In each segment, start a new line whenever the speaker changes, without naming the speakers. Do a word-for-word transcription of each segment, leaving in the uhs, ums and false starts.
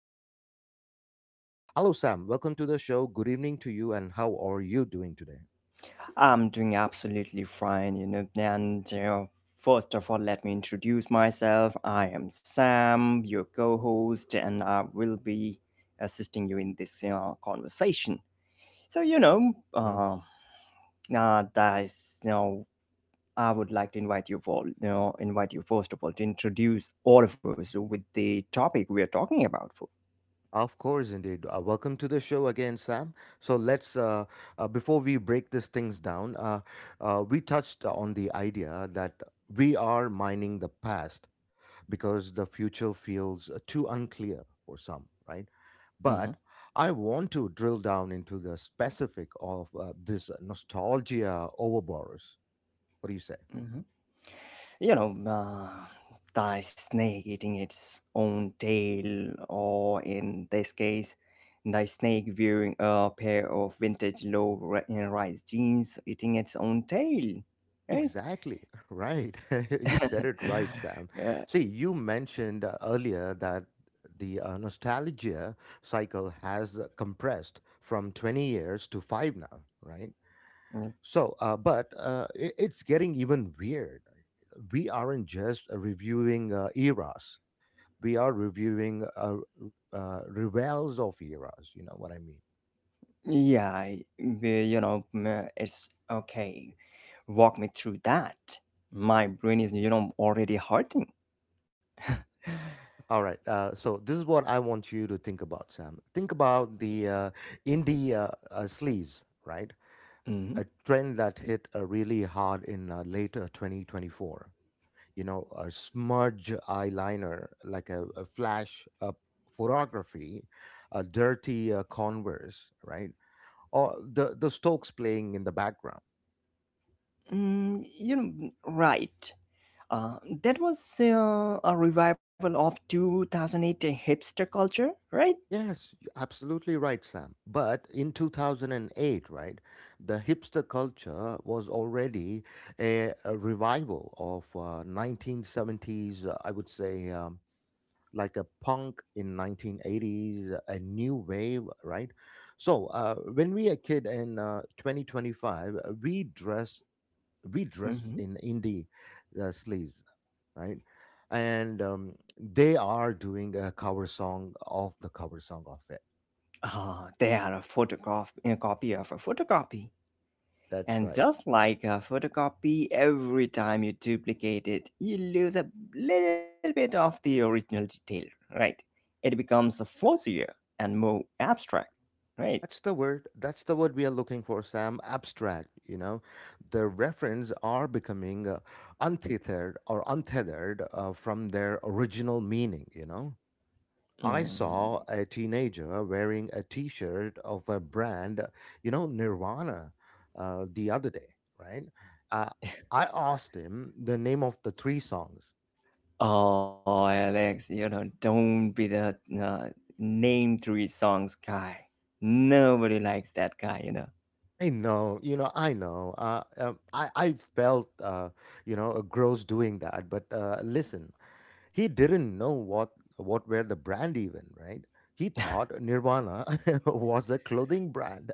special guest with us. Hello, Sam. Welcome to the show. Good evening to you, and how are you doing today?
I'm doing absolutely fine, you know. And uh, first of all, let me introduce myself. I am Sam, your co host, and I will be assisting you in this uh, conversation. So, you know,
Mm-hmm.
uh, uh, that is, you know, I would like to invite you for, you know, invite you first of all to introduce all of us with the topic we are talking about for.
Of course, indeed. Uh, welcome to the show again, Sam. So let's uh, uh, before we break these things down, uh, uh, we touched on the idea that we are mining the past because the future feels uh, too unclear for some, right? But
Mhm,
I want to drill down into the specific of uh, this nostalgia overborrows. What do you say?
mhm. You know, uh, the snake eating its own tail, or in this case, the snake wearing a pair of vintage low ri- uh, rise jeans eating its own tail, right?
Exactly, right. You said it right, Sam.
yeah,
See, you mentioned uh, earlier that the uh, nostalgia cycle has uh, compressed from twenty years to five now, right? So, uh, but uh, i- it's getting even weird. We aren't just uh, reviewing uh, eras, we are reviewing uh, r- uh, revels of eras, you know what I mean?
Yeah, I- we- you know, mm, it's okay. Walk me through that. My brain is, you know, already hurting.
All right. Uh, so this is what I want you to think about, Sam. Think about the uh, indie uh, uh, sleaze, right?
Mhm.
A trend that hit uh, really hard in uh, late uh, twenty twenty-four. You know, a smudge eyeliner, like a, a flash uh, photography, a dirty uh, Converse, right? Or the the Stokes playing in the background.
Mm, you know, right. Uh, that was uh, a revival of two thousand eight hipster culture, right?
Yes, you absolutely right, Sam. But in two thousand eight, right, the hipster culture was already a, a revival of uh, nineteen seventies, uh, I would say, um, like a punk in nineteen eighties, a new wave, right? So uh, when we a kid in uh, twenty twenty-five, uh, we dress we dress
Mhm.
in indie uh, sleaze, right? And um, they are doing a cover song of the cover song of it.
Ah, they are a photograph, a copy of a photocopy.
That's
And
right.
just like a photocopy, every time you duplicate it, you lose a little bit of the original detail, right? It becomes a fuzzier and more abstract, right?
That's the word. That's the word we are looking for, Sam. Abstract, you know. The reference are becoming uh, untethered or untethered uh, from their original meaning, you know. I saw
Mm-hmm.
a teenager wearing a t shirt of a brand, uh, you know, Nirvana, uh, the other day, right? Uh, I asked him the name of the three songs.
Oh, Alex, you know, don't be the uh, name three songs guy. Nobody likes that guy, you know.
I know, you know, I know. Uh, um, I I felt, uh, you know, uh, gross doing that. But uh, listen, he didn't know what what were the brand even, right? He thought Nirvana was a clothing brand.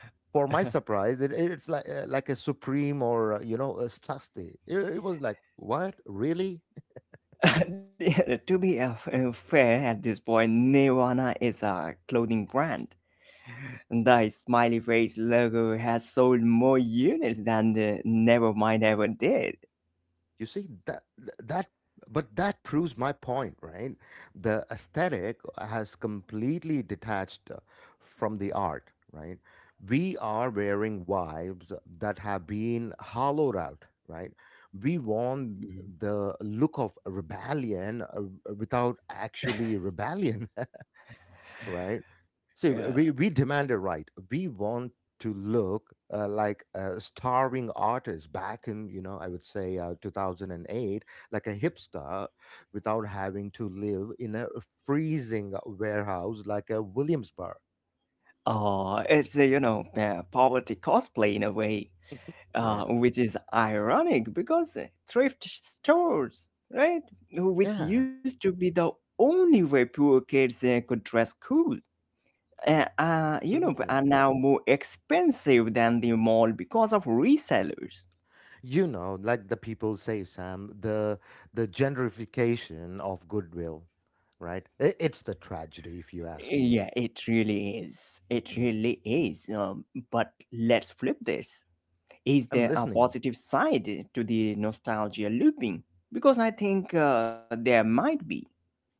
For my surprise, it, it's like uh, like a Supreme or uh, you know a Sasti. It, it was like what really?
Yeah, to be uh, uh, fair, at this point, Nirvana is a clothing brand. The smiley face logo has sold more units than the Nevermind ever did.
You see that that but that proves my point, right? The aesthetic has completely detached uh, from the art, right? We are wearing vibes that have been hollowed out, right? We want
Mhm.
the look of rebellion uh, without actually rebellion, right? See,
Uh,
we, we demand a right. We want to look uh, like a starving artist back in, you know, I would say uh, two thousand eight, like a hipster without having to live in a freezing warehouse like a Williamsburg.
uh, it's a, you know, uh, poverty cosplay in a way,
Yeah.
uh, which is ironic because thrift stores, right, which
Yeah.
used to be the only way poor kids uh, could dress cool, uh, uh, you know,
Absolutely.
are now more expensive than the mall because of resellers.
You know, like the people say, Sam, the the gentrification of goodwill, right? I- It's the tragedy, if you ask
Yeah,
me.
it really is. It
Mhm.
really is. Um, but let's flip this. Is
I'm
there a
listening.
positive side to the nostalgia looping? Because I think uh, there might be.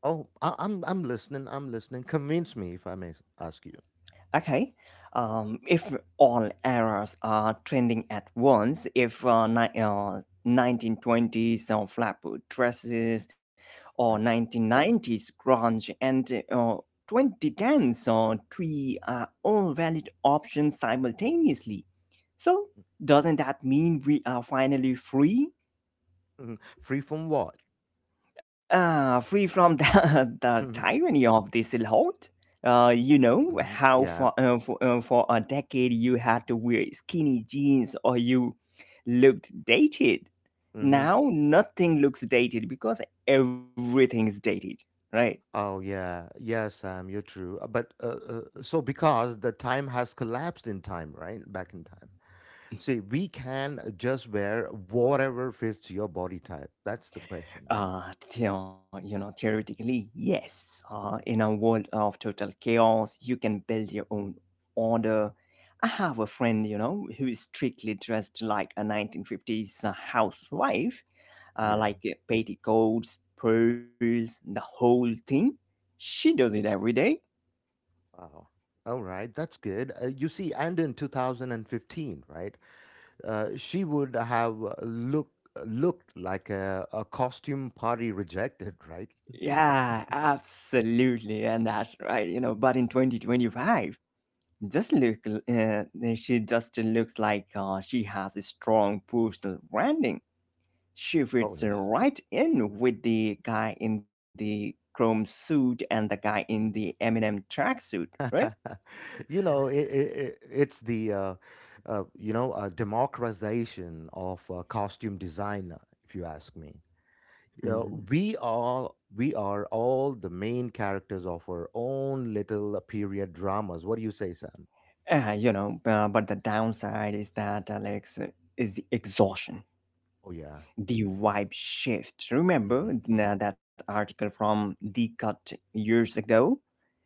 Oh, I, I'm I'm listening. I'm listening. Convince me if I may s- ask you,
Okay. Um, if all errors are trending at once, if uh, ni- uh, nineteen twenties uh, flap dresses or
right?
nineteen nineties grunge and uh, twenty tens uh, twee are all valid options simultaneously. So, doesn't that mean we are finally free?
Mhm. Free from what?
Uh, free from the, the
Hmm.
tyranny of this lot. Uh, you know how
Yeah.
for, uh, for, uh, for a decade you had to wear skinny jeans or you looked dated.
Hmm.
Now nothing looks dated because everything is dated, right?
Oh yeah. Yeah, Sam, you're true. Uh, But uh, uh, so because the time has collapsed in time, right? Back in time. See, we can just wear whatever fits your body type. That's the question, right?
Uh, theo- you know, theoretically, yes. Uh, in a
Mhm.
world of total chaos, you can build your own order. I have a friend, you know, who is strictly dressed like a nineteen fifties housewife,
Yeah.
uh, like uh, petticoats, pearls, the whole thing. She does it every day.
Wow. All right, that's good. Uh, you see, and in two thousand fifteen, right? uh, she would have uh, look uh, looked like a, a costume party rejected, right?
Yeah, absolutely. And that's right, you know, but in twenty twenty five, just look uh, she just looks like uh, she has a strong personal branding she
Oh
fits uh,
yes.
right in with the guy in the chrome suit and the guy in the eminem tracksuit, right?
you know, it, it, it's the uh, uh, you know uh, democratization of uh, costume designer, if you ask me. You know,
Mhm.
we are we are all the main characters of our own little period dramas. What do you say, Sam?
Uh, you know uh, but the downside is that alex uh, is the exhaustion,
Oh yeah.
the vibe shift. Remember
Hmm.
uh, that article from the Cut years ago,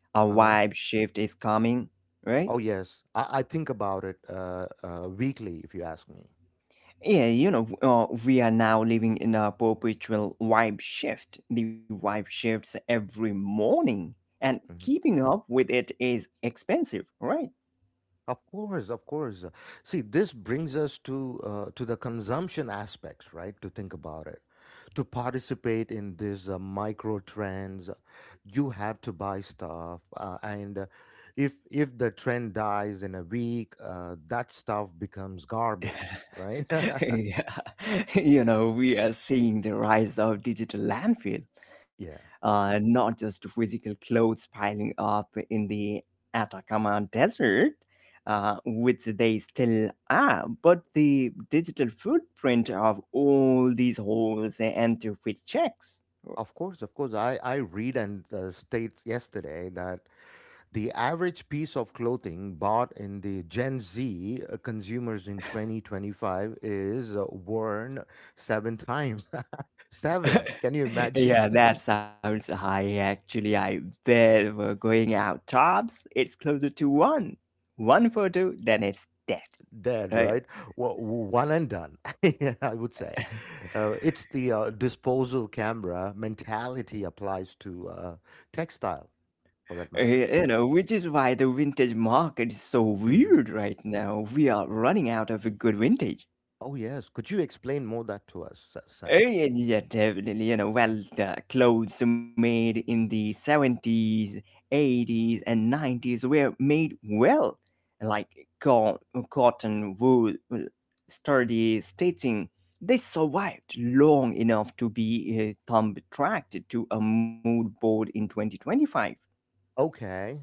a
Uh huh.
vibe shift is coming, right?
Oh yes. I, I think about it uh, uh, weekly, if you ask me.
Yeah, you know, uh, we are now living in a perpetual vibe shift. The vibe shifts every morning, and
Mm-hmm.
keeping up with it is expensive, right?
Of course, of course. See, this brings us to uh, to the consumption aspects, right? To think about it, to participate in these uh, micro trends, you have to buy stuff, uh, and uh, if if the trend dies in a week, uh, that stuff becomes garbage, right?
yeah. You know, we are seeing the rise of digital landfill.
yeah.
Uh, not just physical clothes piling up in the Atacama Desert, uh, which they still are, but the digital footprint of all these holes and to fit checks.
Of course, of course. I, I read and uh, states yesterday that the average piece of clothing bought in the Gen Z uh, consumers in twenty twenty-five is uh, worn seven times. seven. Can you imagine
Yeah, that sounds high actually. I bet we're going out tops. It's closer to one. One photo, then it's dead.
that, right?
Right?
Well, one and done, I would say. Uh, it's the uh, disposal camera mentality applies to uh, textile, for that
Uh,
matter.
You know, which is why the vintage market is so
Hmm.
weird right now. We are running out of good vintage.
Oh, yes. Could you explain more that to us, Sa- Sam?
Uh, yeah, yeah, definitely. You know, well, the clothes made in the seventies, eighties, and nineties were made well, like co- cotton, wool, sturdy stitching. They survived long enough to be uh, thumb tracked to a mood board in twenty twenty five.
Okay.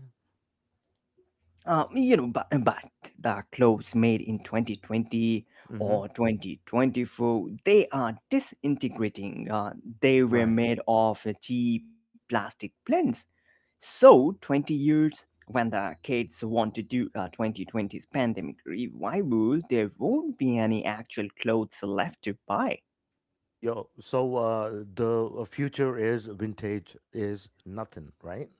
Uh, you know, but, but the clothes made in twenty twenty
Hmm.
or twenty twenty four, they are disintegrating. Uh, they
Right.
were made of uh, cheap plastic blends. So, twenty years when the kids want to do a twenty twenty's pandemic revival, there won't be any actual clothes left to buy.
Yo, so uh, the future is vintage is nothing, right?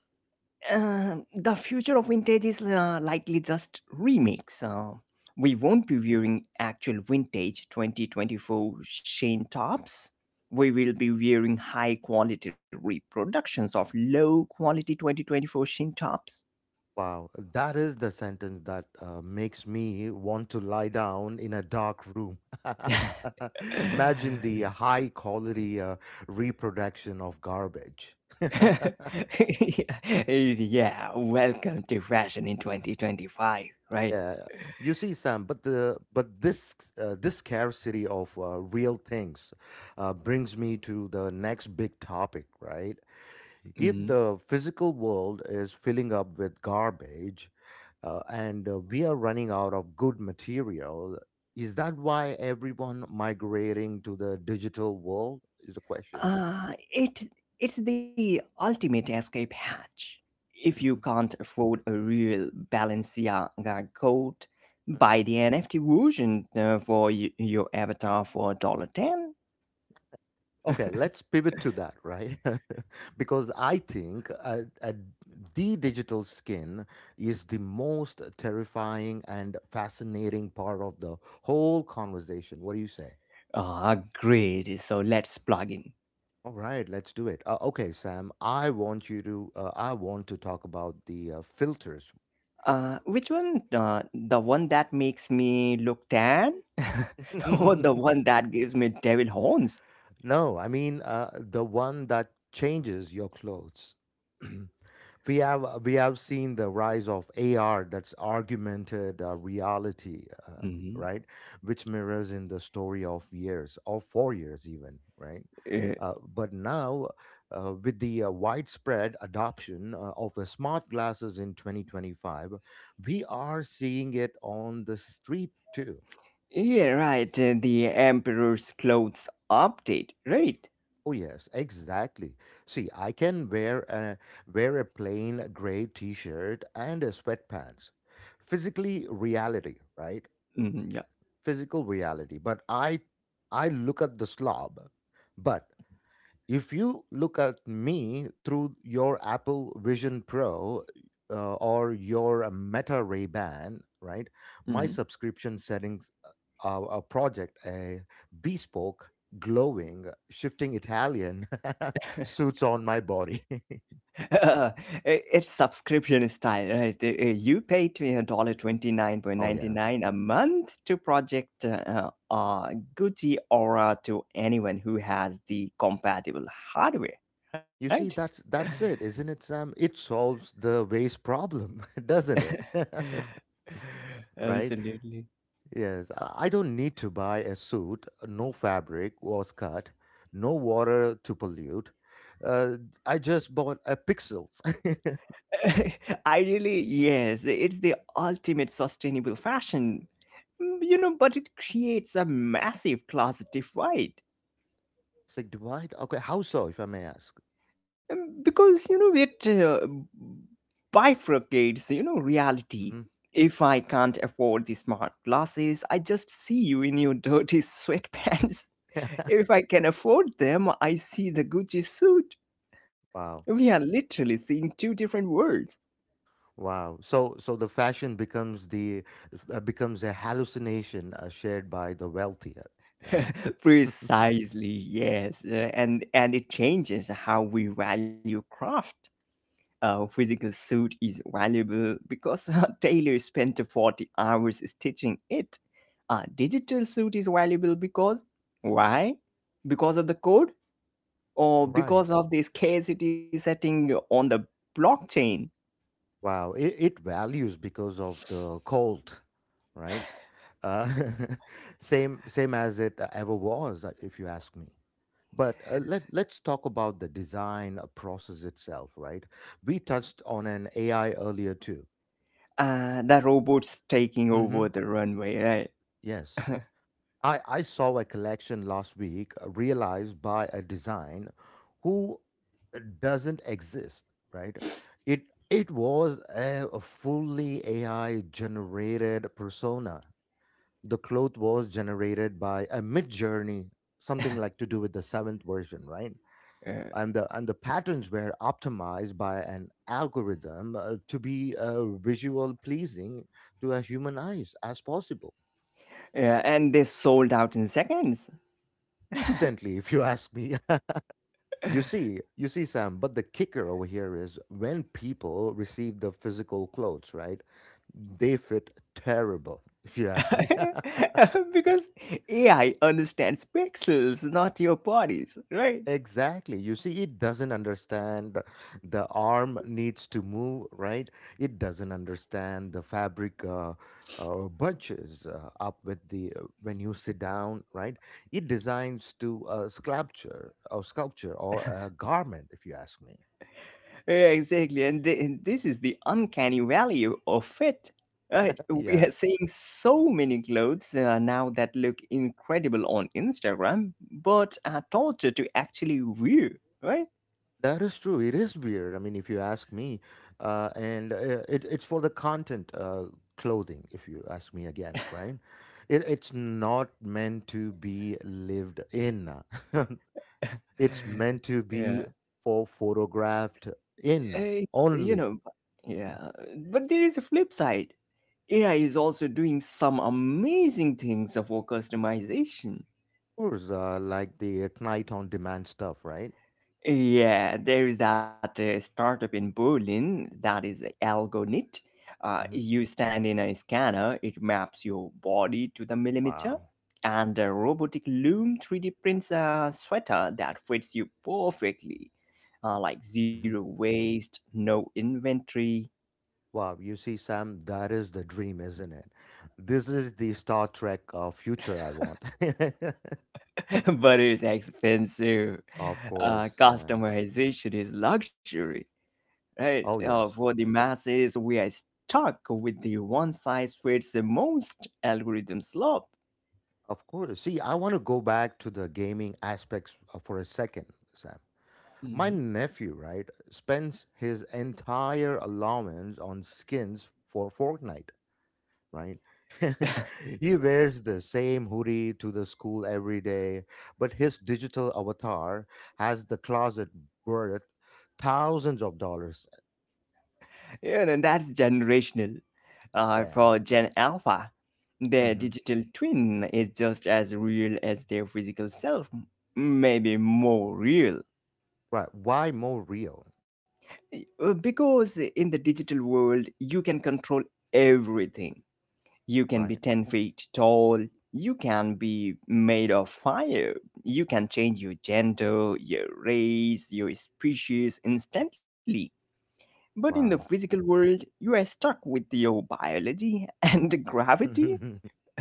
Uh, the future of vintage is uh, likely just remakes. Uh, we won't be wearing actual vintage twenty twenty four Shane tops. We will be wearing high quality reproductions of low quality twenty twenty four Shane tops.
Wow, that is the sentence that uh, makes me want to lie down in a dark room. Imagine the high quality uh, reproduction of garbage.
yeah, welcome to fashion in twenty twenty five, right?
yeah, you see, Sam, but the but this uh, this scarcity of uh, real things uh, brings me to the next big topic, right?
Mm.
If the physical world is filling up with garbage uh, and uh, we are running out of good material, is that why everyone migrating to the digital world? Is the question.
Uh, it it's the ultimate escape hatch. If you
Hmm.
can't afford a real Balenciaga coat,
Hmm.
buy the N F T version uh, for y- your avatar for a dollar ten.
Okay, let's pivot to that, right? because I think uh, uh, the digital skin is the most terrifying and fascinating part of the whole conversation. What do you say?
Ah, great. So let's plug in.
All right, let's do it. Uh, okay, Sam, I want you to uh, I want to talk about the uh, filters.
Uh, which one? Uh, the one that makes me look tan, or the one that gives me devil horns?
No, I mean uh, the one that changes your clothes. we have uh, we have seen the rise of A R, that's augmented uh, reality, uh,
Hmm.
right? Which mirrors in the story of years or four years even, right?
Uh,
Uh, but now, uh, with the uh, widespread adoption uh, of uh, smart glasses in twenty twenty-five, we are seeing it on the street too.
yeah, right. Uh, the Emperor's clothes update, right?
Oh yes, exactly. See, I can wear a wear a plain gray t-shirt and a sweatpants. Physically reality, right?
Hmm.
Physical reality. But I I look at the slob. But if you look at me through your Apple Vision Pro uh, or your uh, Meta Ray Ban, right? My
Mhm.
subscription settings are a project, a bespoke, glowing, shifting Italian suits on my body.
Uh, I- it's subscription style, right? Uh, uh, You pay a dollar twenty nine point
oh
ninety
yeah.
nine a month to Project uh, uh, Gucci Aura to anyone who has the compatible hardware, right?
You see, that's that's it, isn't it, Sam? It solves the waste problem, doesn't it? right?
Absolutely.
Yes, I I don't need to buy a suit. No fabric was cut. No water to pollute. Uh, I just bought a pixels.
Ideally, yes, it's the ultimate sustainable fashion. Mm, you know, but it creates a massive class divide.
it's like, do. Okay, how so, if I may ask?
Mm, because, you know, it uh, bifurcates, you know, reality.
Hmm.
If I can't afford the smart glasses, I just see you in your dirty sweatpants. If I can afford them, I see the Gucci suit.
Wow.
We are literally seeing two different worlds.
Wow. So, so the fashion becomes the uh, becomes a hallucination uh, shared by the wealthier, right?
Precisely, yes. Uh, And and it changes how we value craft. A physical suit is valuable because our tailor spent forty hours stitching it. A digital suit is valuable because why? Because of the code or
Right.
because of the scarcity setting on the blockchain?
Wow. It, it values because of the cult, right? uh, same same as it ever was, uh, if you ask me. But uh, let let's talk about the design uh, process itself, right? We touched on an A I earlier too.
Uh, the robots taking
Hmm.
over the runway, right?
Yes, I I saw a collection last week uh, realized by a design who uh, doesn't exist, right? It it was a a fully A I generated persona. The cloth was generated by a mid-journey, something like to do with the seventh version, right?
Uh,
And the and the patterns were optimized by an algorithm uh, to be uh, visual pleasing to a human eyes as possible.
yeah, and they sold out in seconds.
Instantly, if you ask me, you see, you see, Sam. But the kicker over here is when people receive the physical clothes, right? They fit terrible, if you ask me.
Because A I understands pixels, not your bodies, right?
Exactly. You see, it doesn't understand the the arm needs to move, right? It doesn't understand the fabric uh, uh, bunches uh, up with the uh, when you sit down, right? It designs to a sculpture or sculpture or a garment, if you ask me.
Yeah, exactly. And, th- and this is the uncanny value of it. Right? We
Yeah.
are seeing so many clothes uh, now that look incredible on Instagram, but are torture to actually wear, right?
That is true. It is weird. I mean, if you ask me, uh, and uh, it, it's for the content uh, clothing. If you ask me again, right? It, it's not meant to be lived in. it's meant to be
Yeah.
for photographed
Uh,
in
you know,
only.
yeah. But there is a flip side. A I is also doing some amazing things for customization.
Of course, uh, like the Ignite on demand stuff, right?
Yeah, there is that uh, startup in Berlin that is Algonit. Uh,
Hmm.
you stand in a scanner, it maps your body to the millimeter,
Wow.
and a robotic loom three D prints a sweater that fits you perfectly. Uh, like zero
Hmm.
waste, no inventory,
Wow, you see, Sam, that is the dream, isn't it? This is the Star Trek uh, future I want.
but it's expensive.
Of
Uh,
course, yeah.
customization is luxury. Right?
Oh,
Uh, for
yes.
the masses, we are stuck with the one size fits the most algorithm slope.
Of course. See, I want to go back to the gaming aspects uh, for a second, Sam. My
Mhm.
nephew, right, spends his entire allowance on skins for Fortnite, right? he wears the same hoodie to the school every day, but his digital avatar has the closet worth thousands of dollars.
Yeah, and that's generational. Uh,
Yeah.
for Gen Alpha, their
Hmm.
digital twin is just as real as their physical self, maybe more real.
Right. Why more real,
Uh, Because in the digital world, you can control everything. You can be
right?
ten feet tall. You can be made of fire. You can change your gender, your race, your species
Mm-hmm.
instantly. But in the
Wow.
physical world, you are stuck with your biology and gravity.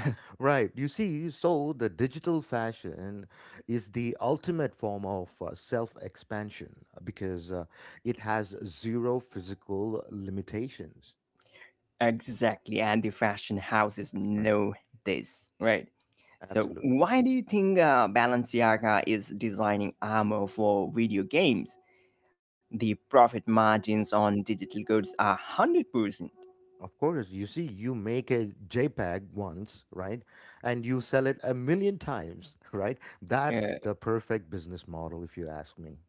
Right. You see, so the digital fashion is the ultimate form of uh, self expansion because uh, it has zero physical limitations.
Exactly, and the fashion houses
Right.
know this, right? So,
Absolutely.
why do you think uh, Balenciaga is designing armor for video games? The profit margins on digital goods are one hundred percent.
Of course, you see, you make a JPEG once, right? And you sell it a million times, right? That's
Yeah,
the perfect business model, if you ask me.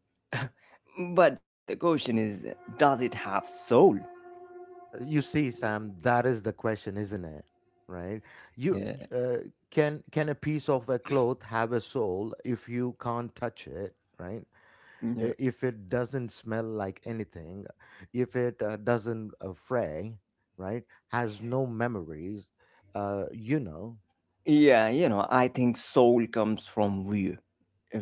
but the question is, does it have soul?
You see, Sam, that is the question, isn't it? Right? You
Yeah,
y- uh, can can a piece of a cloth have a soul if you can't touch it, right?
no.
I- If it doesn't smell like anything, if it uh, doesn't uh, fray, right? Has no memories, uh, you know.
yeah, you know, I think soul comes from view,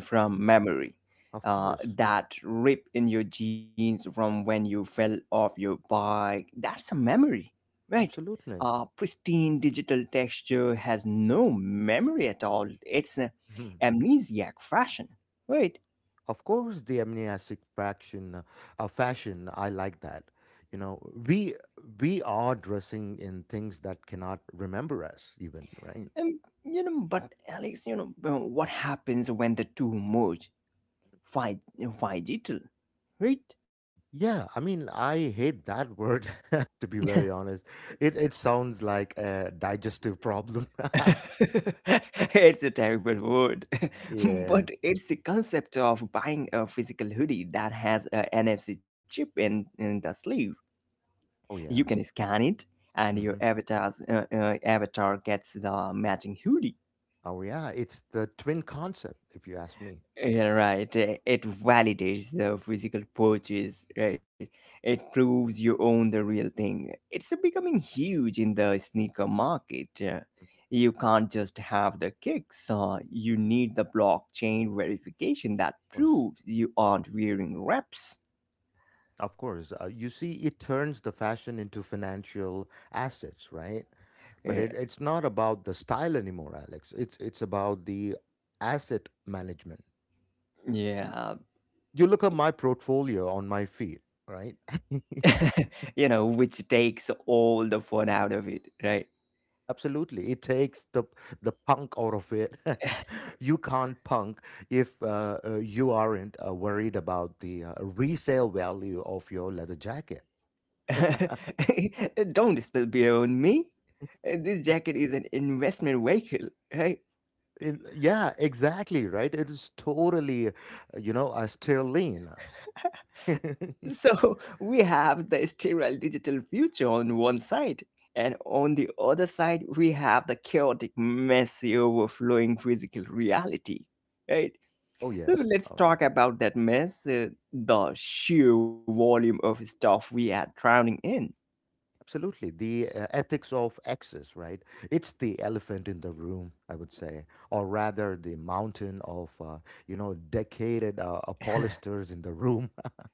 from
Mhm.
memory,
Of
uh,
course,
that rip in your jeans from when you fell off your bike. That's a memory, right?
absolutely.
Uh, pristine digital texture has no memory at all. It's an amnesiac fashion, right?
Of course, the amnesic fraction, uh, uh, fashion. I like that. You know, we we are dressing in things that cannot remember us, even right.
And you know, but Alex, you know, uh, what happens when the two merge? Fi- Digital, right?
Yeah, I mean, I hate that word. To be very honest, it it sounds like a digestive problem.
It's a terrible word,
Yeah.
but it's the concept of buying a physical hoodie that has a N F C chip in, in the sleeve.
Oh
You
yeah.
can scan it, and your
hmm
avatar's uh, uh, avatar gets the matching hoodie.
Oh yeah. It's the twin concept, if you ask me. Of
Yeah, right. Eh, It validates the physical purchase, right? It proves you own the real thing. It's becoming huge in the sneaker market. Eh, You can't just have the kicks. Uh, you need the blockchain verification that
course.
proves you aren't wearing reps.
Of course, uh, you see, it turns the fashion into financial assets, right? But
Eh,
it, it's not about the style anymore, Alex. It's it's about the asset management.
yeah,
You look at my portfolio on my feed, right?
you know, which takes all the fun out of it, right?
Absolutely, it takes the the punk out of it. You can't punk if uh, uh, you aren't uh, worried about the uh, resale value of your leather jacket.
Don't spill beer on me. This jacket is an investment vehicle, right?
In, yeah, exactly, right? It is totally, uh, you know, a sterling. Oh,
So we have the sterile digital future on one side, and on the other side, we have the chaotic, messy, overflowing physical reality, right? So
yes.
let's
Oh, yeah.
talk about that mess, uh, the sheer volume of stuff we are drowning in.
Absolutely. The uh, ethics of access, right? It's the elephant in the room, I would say, or rather the mountain of, uh, you know, decaded uh, pollsters in the room.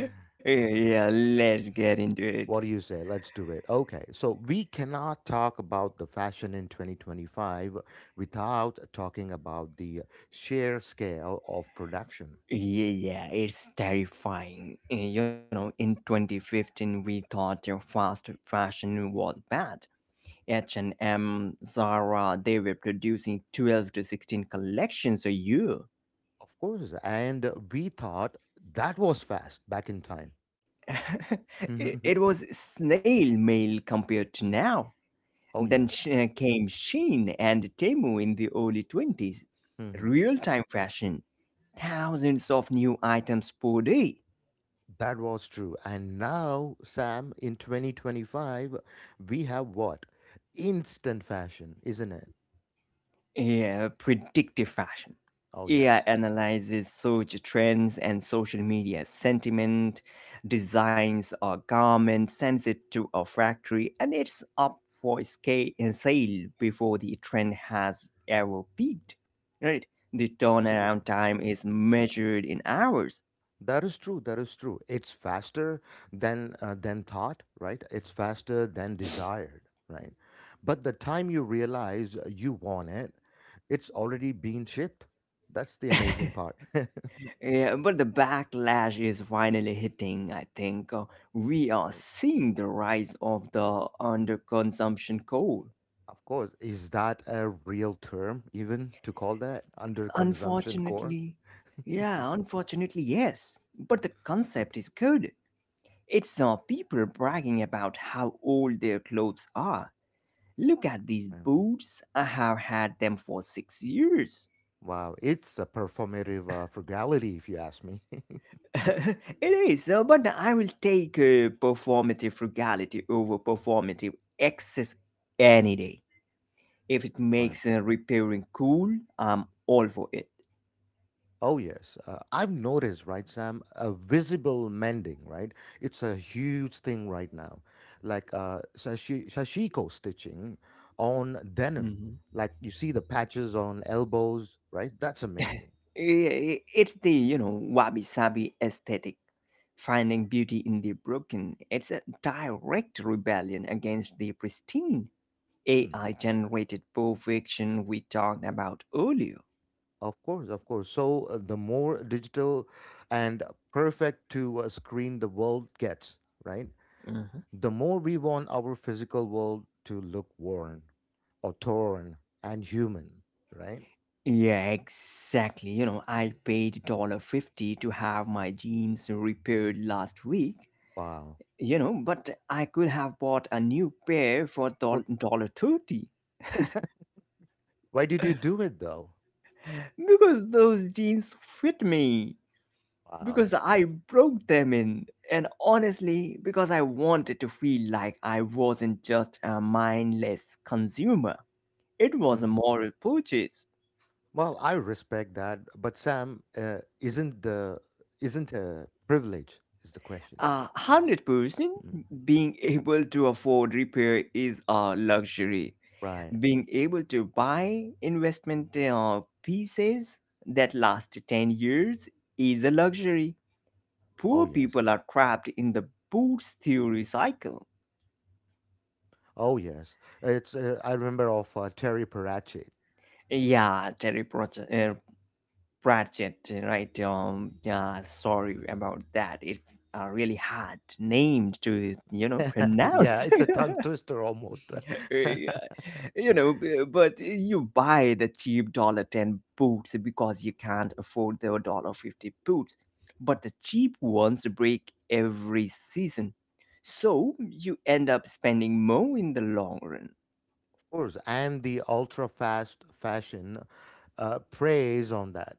yeah, let's get into it.
What do you say? Let's do it. Okay. So we cannot talk about the fashion in twenty twenty-five without talking about the sheer scale of production.
Yeah, yeah, it's terrifying. Uh, You know, in twenty fifteen, we thought uh, fast fashion was bad. H and M, Zara, they were producing twelve to sixteen collections a year.
Of course. And we thought that was fast back in time.
it, it was snail mail compared to now.
Oh,
Then
yes.
sh- uh, came Shein and Temu in the early twenties.
Mhm.
Real time fashion, thousands of new items per day.
That was true. And now, Sam, in twenty twenty-five, we have what? Instant fashion, isn't it?
Yeah, predictive fashion.
Oh,
A I
yes.
analyzes search trends and social media sentiment, designs a garment, sends it to a factory, and it's up for scale sale before the trend has ever peaked. Right? The turnaround
Absolutely.
time
Mm.
is measured in hours.
That is true. That is true. It's faster than uh, than thought, right? It's faster than desired, right? But the time you realize you want it, it's already been shipped. That's the amazing part.
Yeah, but the backlash is finally hitting. I think Uh, we are seeing the rise of the underconsumption coal.
Of course. Is that a real term even to call that under consumption core?
Unfortunately, yeah, unfortunately, yes. But the
Okay.
concept is good. It's uh, People bragging about how old their clothes are. Look at these
Right.
boots. I have had them for six years.
Wow. It's a performative uh, frugality, if you ask me.
it is, uh, but I will take uh, performative frugality over performative excess any day. If it
Right.
makes uh, repairing cool, I'm all for it.
Oh, yes. Uh, I've noticed, right, Sam, a visible mending, right? It's a huge thing right now. Like uh, sashi- sashiko stitching on denim.
Hmm
Like you see the patches on elbows, right? That's amazing.
I- It's the, you know, wabi sabi aesthetic. Finding beauty in the broken. It's a direct rebellion against the pristine
Hmm.
A I generated perfection we talked about earlier.
Of course, of course. So uh, the more digital and perfect to a screen the world gets, right?
Hmm
The more we want our physical world to look worn or torn and human, right?
Yeah, exactly. You know, I paid dollar fifty to have my jeans repaired last week,
Wow.
you know, but I could have bought a new pair for
Well,
dollar thirty.
why did you do it though?
Because those jeans fit me.
Wow.
Because I broke them in. And honestly, because I wanted to feel like I wasn't just a mindless consumer. It was a
hmm
moral purchase.
Well, I respect that, but Sam, uh, isn't the isn't a privilege is the question,
A hundred percent,
Mm.
being able to afford repair is a luxury.
right?
Being able to buy investment uh, pieces that last ten years is a luxury.
Oh
Poor
yes,
people are trapped in the boots theory cycle.
oh yes. It's uh, I remember of uh, Terry Pratchett
Yeah, Terry Pratchett, uh, Pratchett, right? Um, yeah, sorry about that. It's a really hard name to, you know,
yeah,
pronounce.
it's a tongue twister almost. Of
Yeah, you know, b- but you buy the cheap dollar ten boots because you can't afford the dollar fifty boots. But the cheap ones break every season, so you end up spending more in the long run.
course, and the ultra fast fashion uh, preys on that.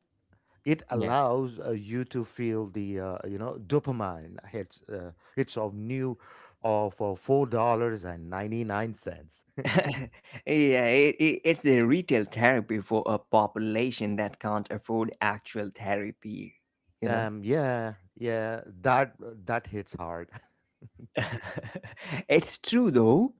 It
Yeah.
allows uh, you to feel the uh, you know dopamine hits uh, hits of new of uh, four dollars and ninety nine cents.
yeah, it, it, it's a retail therapy for a population that can't afford actual therapy, you know?
Um, yeah, yeah, that uh, that hits hard.
it's true though.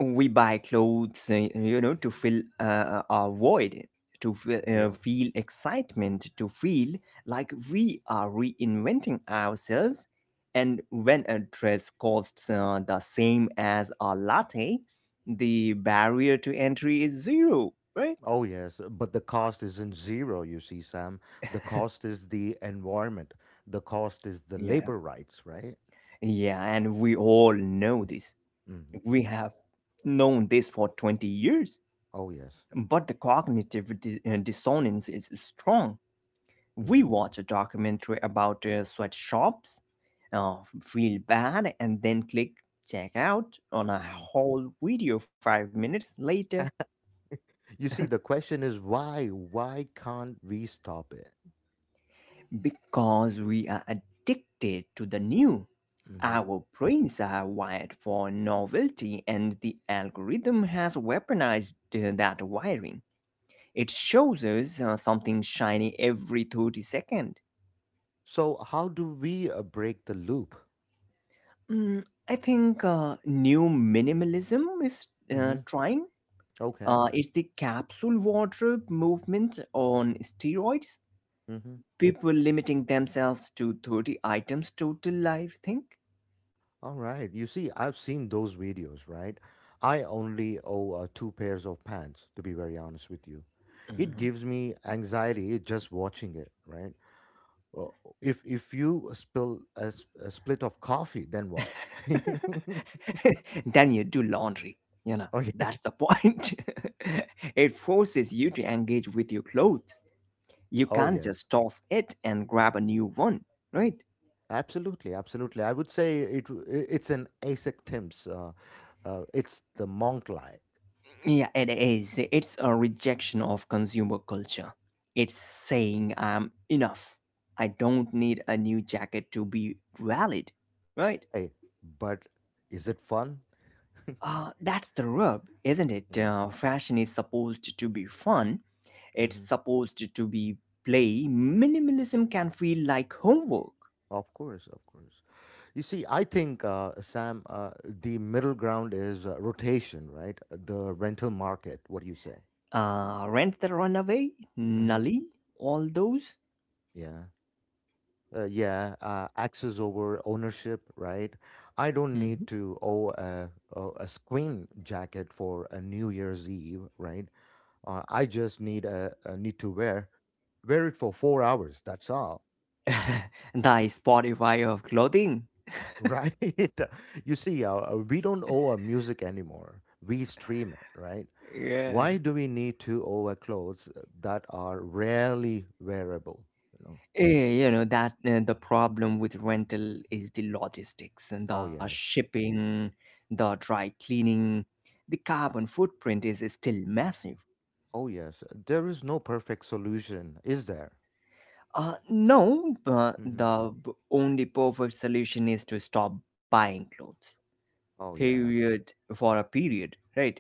We buy clothes, uh, you know, to fill uh, our void, to feel, uh,
Yeah.
feel excitement, to feel like we are reinventing ourselves. And when a dress costs uh, the same as a latte, the barrier to entry is zero, right?
Oh yes, but the cost isn't zero. You see, Sam. The cost is the environment. The cost is the
Yeah.
labor rights, right?
Yeah, and we all know this.
hmm
We have known this for twenty years.
Oh yes.
But the cognitive di- uh, dissonance is strong. We
hmm
watch a documentary about uh, sweatshops, uh, feel bad, and then click check out on a
hmm
whole video five minutes later
You see, the question is why? Why can't we stop it?
because we are addicted to the new.
Hmm
Our brains are wired for novelty, and the algorithm has weaponized uh, that wiring. It shows us uh, something shiny every thirty seconds.
So how do we uh, break the loop?
Mm, I think uh, new minimalism is uh,
Hmm
trying.
Okay.
Uh, it's the capsule wardrobe movement on steroids.
hmm
People limiting themselves to thirty items total, I think.
All right. You see, I've seen those videos, right? I only owe uh, two pairs of pants, to be very honest with you. It
Mhm.
gives me anxiety just watching it, right? Uh, If if you spill a, s- a split of coffee, then what?
then you do laundry. You know,
Oh yeah.
that's the point. it forces you to engage with your clothes. You
Oh
can't
yes.
just toss it and grab a new one, right?
Absolutely, absolutely. I would say it w- i- it's an Isaac Thames. Uh, uh, it's the monk like.
Yeah, it is. It's a rejection of consumer culture. It's saying I'm enough. I don't need a new jacket to be valid, right?
Hey, but is it fun?
Uh, that's the rub, isn't it?
Yeah.
Uh, fashion is supposed to be fun. It's
hmm
supposed to be play. Minimalism can feel like homework.
Of course, of course. You see, I think uh, Sam, uh, the middle ground is uh, rotation, right? The rental market. What do you say?
Uh, Rent the Runaway,
Hmm
Nully, all those.
Yeah. Uh, yeah, uh, access over ownership, right? I don't
Mhm.
need to owe a, a a screen jacket for a New Year's Eve, right? Uh, I just need a, a need to wear wear it for four hours. That's all,
the Spotify of clothing.
right? You see, uh, uh, we don't owe our music anymore. We stream it, right?
Yeah.
Why do we need to owe our clothes uh, that are rarely wearable? You know.
Eh, you know that uh, the problem with rental is the logistics and the
Oh yes.
shipping, the dry cleaning, the carbon footprint is still massive.
Oh yes. There is no perfect solution, is there?
Uh, no, but
Hmm
the b- only perfect solution is to stop buying clothes.
Oh yeah.
Period for a period, right?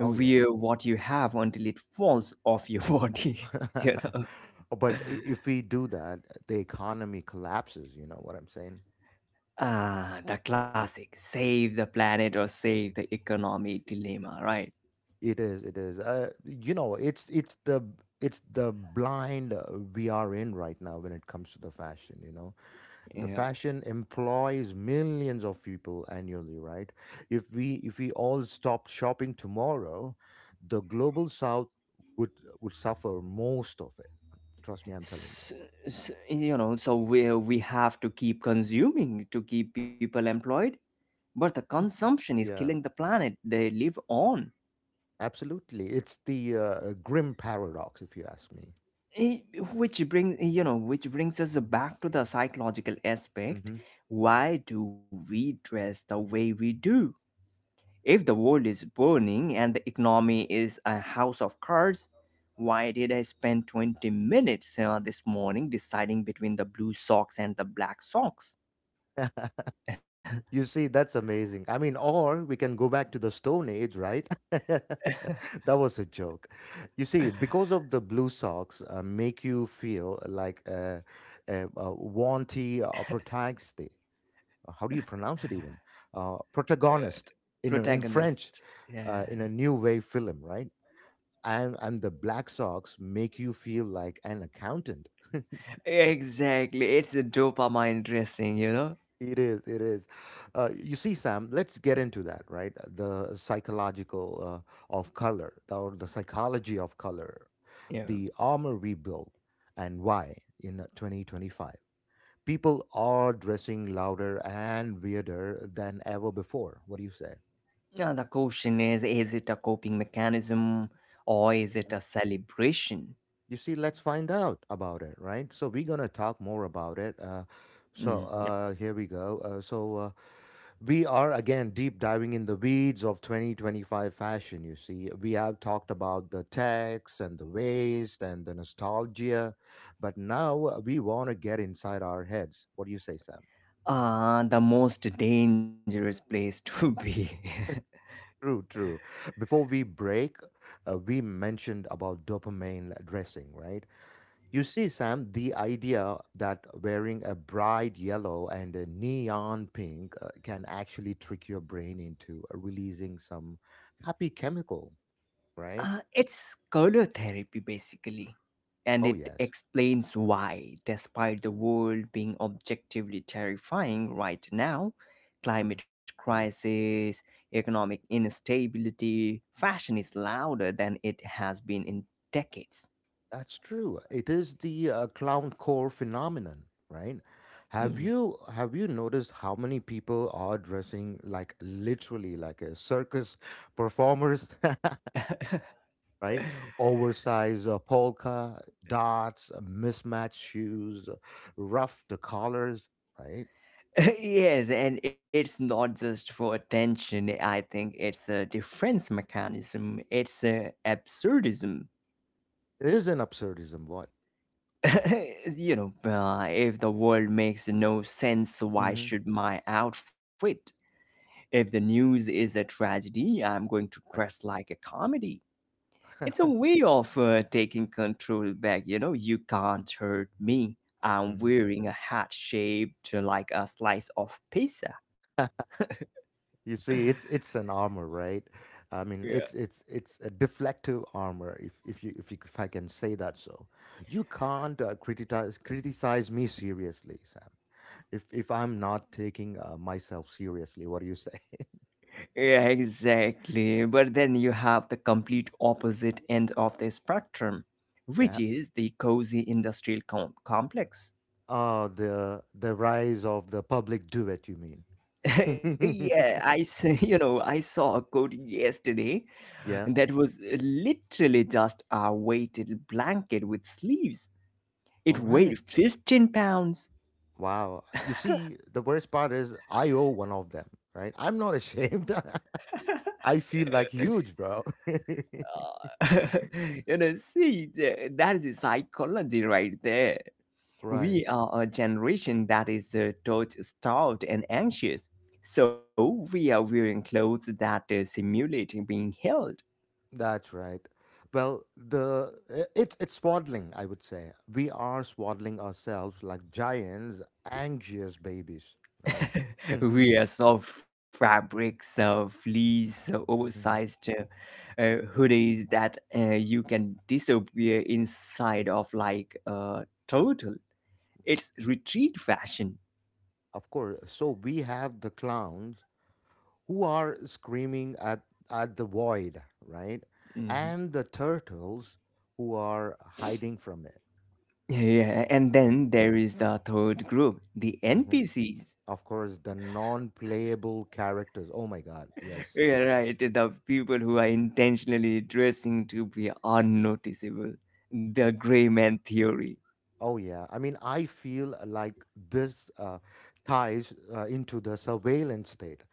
Oh yes.
what you have until it falls off your body. You know,
But i- if we do that, the economy collapses. You know what I'm saying?
ah, the classic save the planet or save the economy dilemma, right?
It is. It is. Uh, you know, it's it's the it's the blind uh, we are in right now when it comes to the fashion. You know, the
Yeah.
fashion employs millions of people annually, right? If we if we all stopped shopping tomorrow, the global south would would suffer most of it. Trust me, I'm telling you.
s- s- you know, so we, we have to keep consuming to keep people employed, but the consumption is killing
Yeah,
the planet they live on.
absolutely. It's the uh, grim paradox, if you ask me.
Eh, which brings you know which brings us back to the psychological aspect.
Hmm
Why do we dress the way we do if the world is burning and the economy is a house of cards? Why did I spend twenty minutes uh, this morning deciding between the blue socks and the black socks?
You see, that's amazing. I mean, or we can go back to the Stone Age, right? That was a joke. You see, because of the blue socks, uh, make you feel like a, a, a wanty uh protagonist. uh, How do you pronounce it even? Uh, protagonist in a, in
Protagonist.
French,
Yeah,
uh, in a new wave film, right? And and the black socks make you feel like an accountant.
exactly. It's a dopamine dressing, you know?
It is, it is. Uh, you see, Sam, let's get into that, right? The psychological uh, of color, or the psychology of color,
Yeah.
the armor we build, and why in twenty twenty-five. People are dressing louder and weirder than ever before. What do you say?
Now, the question is is it a coping mechanism or is it a celebration?
You see, let's find out about it, right? So we're gonna talk more about it. Uh, so
Mm, yeah.
uh, here we go. Uh, so uh, we are again deep diving in the weeds of twenty twenty-five fashion. You see, we have talked about the techs and the waste and the nostalgia, but now uh, we want to get inside our heads. What do you say, Sam?
Uh, the most dangerous place to be.
True, true. Before we break, uh, we mentioned about dopamine dressing, right? You see, Sam, the idea that wearing a bright yellow and a neon pink uh, can actually trick your brain into uh, releasing some happy chemical, right?
Uh, it's color therapy basically, and
Oh,
it
yes.
explains why, despite the world being objectively terrifying right now,
Mhm.
climate crisis, economic instability, fashion is louder than it has been in decades.
That's true. It is the uh, clown core phenomenon, right? Have
Mm.
you have you noticed how many people are dressing like literally like a circus performers? Right? Oversized uh, polka dots, uh, mismatched shoes, uh, rough the collars, right?
yes, and it's not just for attention, I think it's a defense mechanism, it's a absurdism.
It is an absurdism, what?
you know, uh, if the world makes no sense, why
Hmm
should my outfit? If the news is a tragedy, I'm going to
Right.
dress like a comedy. It's a way of uh, taking control back. You know, you can't hurt me. I'm
hmm
wearing a hat shaped like a slice of pizza.
You see, it's it's an armor, right? I mean,
Yeah.
it's it's it's a deflective armor, if if you if you if I can say that so. You can't uh, criticize criticize me seriously, Sam. If if I'm not taking uh, myself seriously, what do you say?
Yeah, exactly. But then you have the complete opposite end of the spectrum, which
Yeah.
is the cozy industrial com- complex.
Oh, the the rise of the public duet, you mean?
yeah, I s- you know, I saw a quote yesterday
Yeah.
that was literally just a weighted blanket with sleeves. It
All right.
weighed fifteen pounds.
Wow. You see, the worst part is I owe one of them, right? I'm not ashamed. I feel like huge, bro.
Uh, you know, see, th- that is the psychology right there.
Right.
We are a generation that is uh, touch starved and anxious. So we are wearing clothes that uh, simulate being held.
That's right. Well, the I- it's it's swaddling, I would say. We are swaddling ourselves like giants, anxious babies, right?
We are soft fabrics, uh, fleece, uh,
Mhm.
oversized uh, uh, hoodies that uh, you can disappear inside of like a turtle. It's retreat fashion.
Of course. So we have the clowns who are screaming at, at the void, right?
Mhm.
And the turtles who are hiding from it.
Yeah, and
Yeah.
then there is the third group, the
uh-huh.
N P Cs.
Of course, the non playable characters. Oh my God.
Yeah,
Yes.
right. The people who are intentionally dressing to be unnoticeable. The gray man theory.
Oh yeah. I mean, I feel like this uh, ties uh, into the surveillance state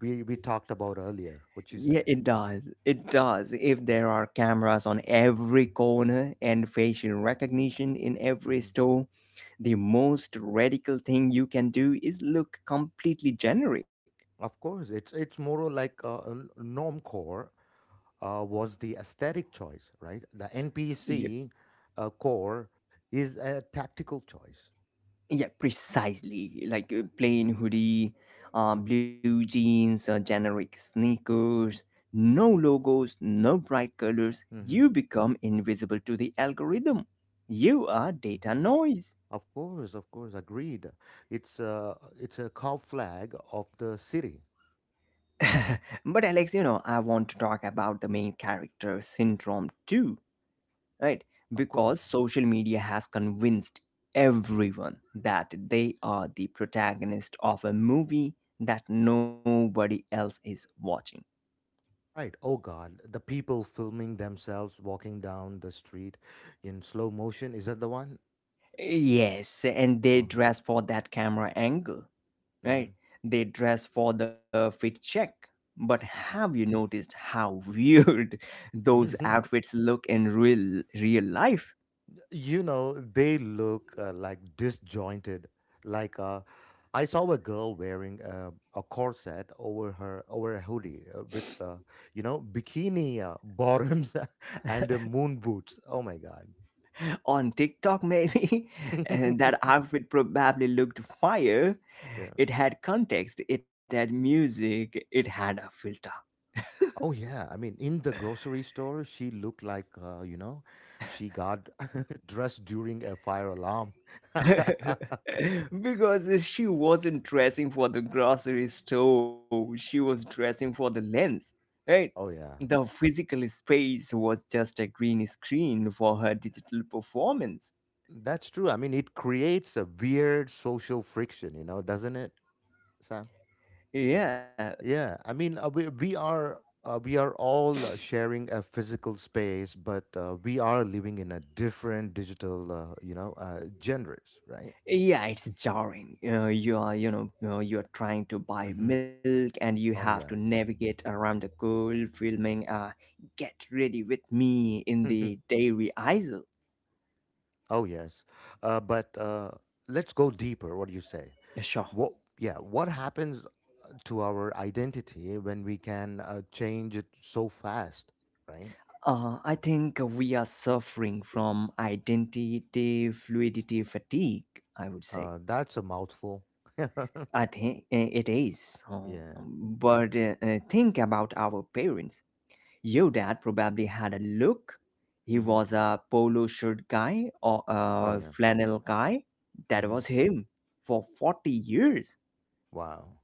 we, we talked about earlier. What you
Yeah,
say?
it does. It does. If there are cameras on every corner and facial recognition in every
Hmm
store, the most radical thing you can do is look completely generic.
Of course, it's it's more like a, a norm core. uh, was the aesthetic choice, right? The
Yeah,
N P C uh, core is a tactical choice.
yeah, precisely. Like a plain hoodie, uh, blue jeans, uh, generic sneakers, no logos, no bright colors.
Hmm
You become invisible to the algorithm. You are
hmm
data noise.
Of course, of course, agreed. It's a it's a cow flag of the city,
but Alex, you know, I want to talk about the main character syndrome too, right?
of
Because
course.
social media has convinced everyone that they are the protagonist of a movie that nobody else is watching.
Right. Oh God, the people filming themselves walking down the street in slow motion. Is that the one?
Yes, and they
Uh-huh.
dress for that camera angle, right? They dress for the fit check. But have you noticed how weird those
hmm
outfits look in real real life?
You know they look uh, like disjointed like uh I saw a girl wearing uh, a corset over her over a hoodie uh, with uh, you know bikini uh, bottoms and uh, moon boots, oh my god.
On TikTok, maybe, and that outfit probably looked fire.
Yeah.
It had context, it had music, it had a filter.
Oh yeah, I mean in the grocery store she looked like uh, you know she got dressed during a fire alarm.
because she wasn't dressing for the grocery store, she was dressing for the lens, right?
Oh yeah,
The physical space was just a green screen for her digital performance.
that's true. I mean it creates a weird social friction, you know, doesn't it, Sam?
Yeah,
Yeah, I mean, uh, we we are uh, we are all uh, sharing a physical space, but uh, we are living in a different digital, uh, you know, uh, genres, right?
yeah it's jarring. Uh, you are you know uh, you're trying to buy
Mm-hmm.
milk and you have to
Oh yeah.
navigate around the cold filming uh, get ready with me in
Hmm.
the dairy aisle.
Oh yes. Uh, but uh, let's go deeper. What do you say?
Sure.
What? Yeah. What happens uh, to our identity when we can uh, change it so fast, right?
uh, I think we are suffering from identity fluidity fatigue, I would
Uh,
say.
that's a mouthful.
I think it is.
Yeah.
Um, but uh, uh, think about our parents. Your dad probably had a look. He
Hmm.
was a polo shirt guy or
Oh
a
yeah.
flannel guy. That
Hmm.
was him for forty years.
Wow.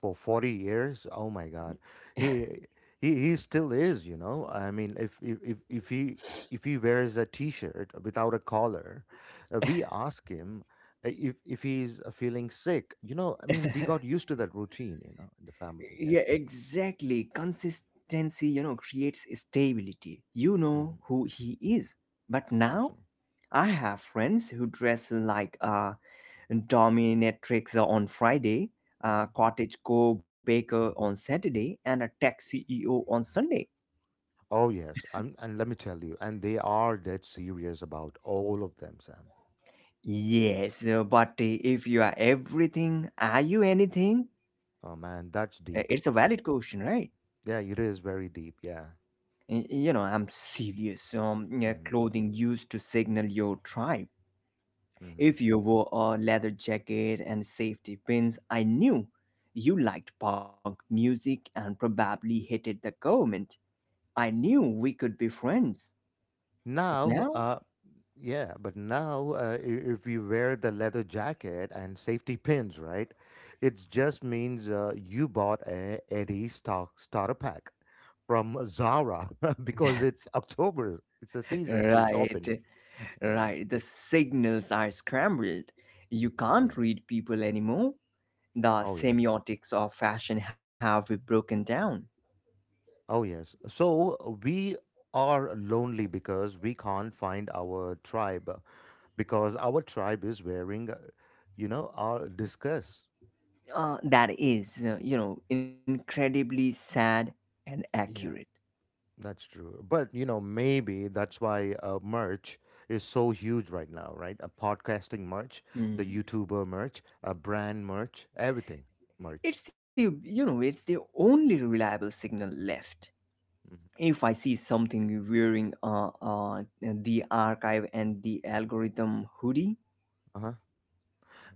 For 40 years. Oh my god. He he, he still is, you know I mean, if if if if he if he wears a t-shirt without a collar, uh, we ask him uh, if if he's uh, feeling sick you know I mean, we got used to that routine, you know, in the
Yeah,
family. Yeah.
exactly. Consistency, you know, creates stability. You
Hmm.
know who he is. But now
Absolutely.
I have friends who dress like a dominatrix on Friday, a
Hmm.
cottage co baker on Saturday, and a tech C E O on Sunday.
Oh yes, I'm, and let me tell you, and they are dead serious about all of them, Sam.
Yes, uh, but uh, if you are everything, are you anything?
Oh man,
Uh,
that's
It's a
deep.
valid question, right?
Yeah, it is very deep. Yeah.
Y- You know, I'm serious. Um, yeah,
Hmm.
clothing used to signal your tribe.
Hmm.
If you wore a leather jacket and safety pins, I knew you liked punk music and probably hated the government. I knew we could be friends. But
Now,
now,
uh, yeah, but now, uh, i- if you wear the leather jacket and safety pins, right, it just means uh, you bought a Eddie stock starter pack from Zara because it's October. It's a season to shop
right,
in. Yeah.
right, the signals are scrambled. You
Oh
can't
yeah.
read people anymore, the
Oh yeah.
semiotics of fashion have broken down.
Oh yes. So we are lonely because we can't find our tribe, because our tribe is wearing, uh, you know, our discuss.
Uh, that is, uh, you know, incredibly sad and accurate.
Yeah. That's true. But, you know, maybe that's why uh, merch is so huge right now, right? A podcasting merch, the
Mm.
YouTuber merch, a brand merch, everything merch.
It's the, you know, it's the only reliable signal left.
Mhm.
If I see something wearing uh, uh, the archive and the algorithm hoodie,
Uh-huh.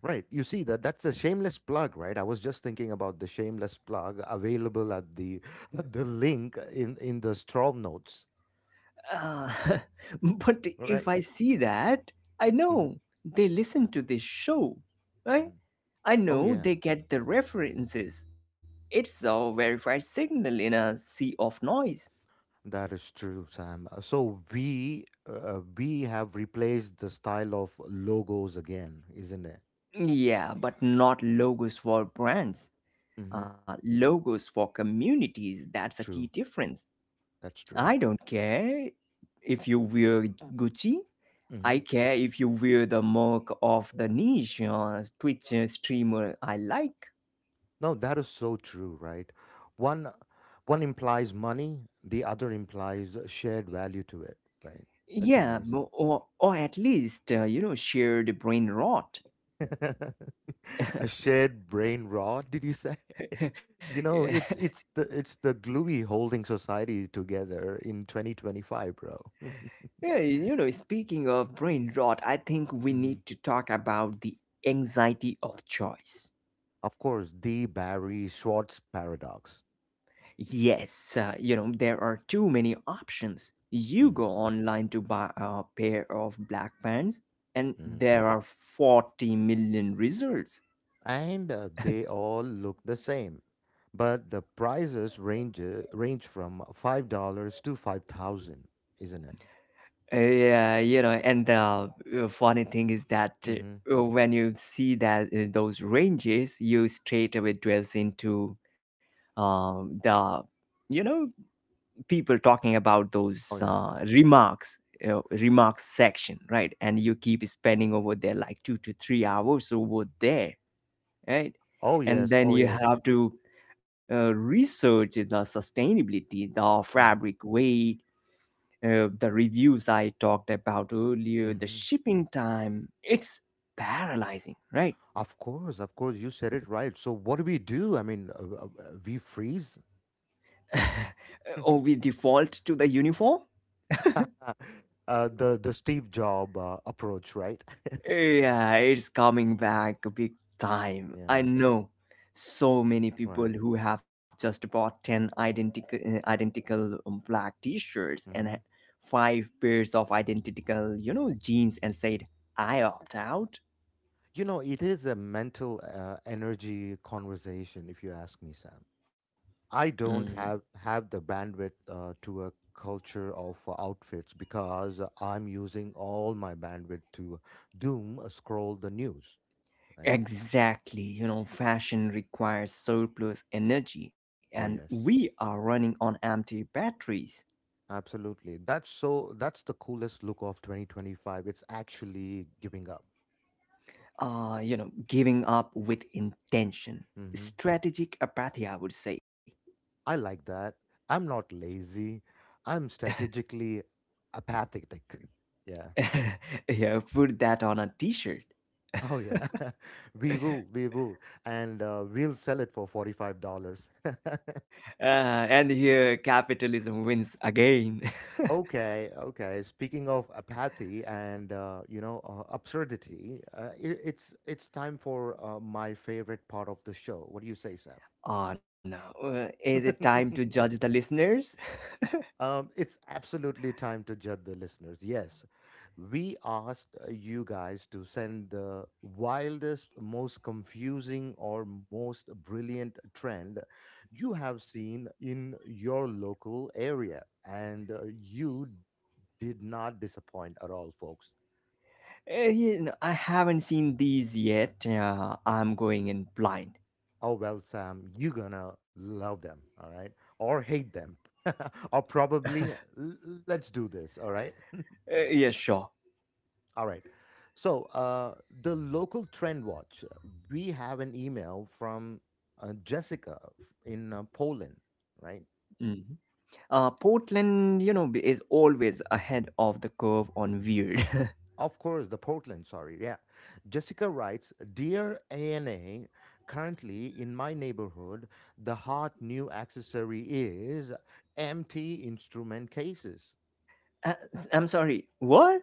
Right. You see that that's a shameless plug, right? I was just thinking about the shameless plug available at the at the link in in the straw notes,
Uh, but if
right?
I see that, I
Hmm.
know they listen to this show, right?
Hmm.
I
Oh
know
yeah.
they get the references. It's a verified signal in a sea of noise.
That is true, Sam. Uh, So we uh, we have replaced the style of logos again, isn't it?
Yeah, but not logos for brands.
Mm-hmm.
Uh, logos for communities, that's a key
True.
difference.
That's
I
true.
don't care if you wear Gucci.
Mm-hmm.
I care if you wear the mug of the niche or Twitch uh, streamer I like.
No, that is so true, right? One one implies money, the other implies a shared value to it, right? That's
Yeah, mo-
amazing.
or, or at least, uh, you know, shared brain rot.
A shared brain rot, did you say? You
yeah,
know, it's it's the it's the gluey holding society together in twenty twenty-five, bro.
Yeah, you know, speaking of brain rot, I think we need
Hmm.
to talk about the anxiety of choice.
Of course, the Barry Schwartz paradox.
Yes, uh, you know, there are too many options. You
Hmm.
go online to buy a pair of black pants, and there are forty million results.
And uh, they all look the same. But the prices range uh, range from five dollars to five thousand, isn't it?
Uh, yeah you know and the uh, funny thing is that
Mm-hmm.
uh, when you see that uh, those ranges you straight away dwells into um, the you know people talking about those
Oh yeah.
uh, remarks uh, remarks section, right? And you keep spending over there like two to three hours over there, right?
Oh
And
yes.
then
Oh
you
yes.
have to uh, research the sustainability, the fabric
Mm-hmm.
weight, uh, the reviews I talked about earlier, the
Mm-hmm.
shipping time. It's paralyzing, right?
Of course. Of course. You said it right. So what do we do? I mean, uh, uh, uh, we freeze.
Or
uh,
we default to the uniform?
the the Steve Job uh, approach, right?
Yeah, it's coming back big time. I
Yeah.
know so many people
Right.
who have just bought ten identical identical um, black t-shirts and
Mm-hmm.
uh, five pairs of identical, you know, jeans and said, "I opt out."
You know, it is a mental uh, energy conversation, if you ask me, Sam. I don't have have the bandwidth uh, to a culture of uh, outfits, because I'm using all my bandwidth to doom uh, scroll the news, right?
Exactly. You know, fashion requires surplus energy, and
Oh
we
yes.
are running on empty batteries.
Absolutely. That's so that's the coolest look of twenty twenty-five. It's actually giving up.
Uh, you know, giving up with intention.
Hmm.
Strategic apathy, I would say.
I like that. I'm not lazy. I'm strategically apathetic. Yeah.
Yeah, put that on a t shirt.
Oh yeah. We will. We will. And uh, we'll sell it for forty-five dollars.
Uh, and here, capitalism wins again.
Okay, okay. Speaking of apathy and uh, you know uh, absurdity, uh, it, it's it's time for uh, my favorite part of the show. What do you say, Sam?
Oh no. Uh, is it time to judge the listeners?
Um, it's absolutely time to judge the listeners. Yes, we asked uh, you guys to send the wildest, most confusing, or most brilliant trend you have seen in your local area, and uh, you did not disappoint at all, folks.
Uh, you know, I haven't seen these yet. Uh, I'm going in blind.
Oh, well, Sam, you're gonna love them, all right? Or hate them, or probably uh, l- l- let's do this, all right?
Uh, yeah, sure.
All right. So, uh, the local trend watch, uh, we have an email from uh, Jessica f- in uh, Poland, right?
Mm. Uh, Portland, you know, is always ahead of the curve on weird.
Of course, the Portland, sorry. Yeah. Jessica writes, Dear ANA, currently in my neighborhood, the hot new accessory is empty instrument cases.
Uh, s- I'm sorry, what?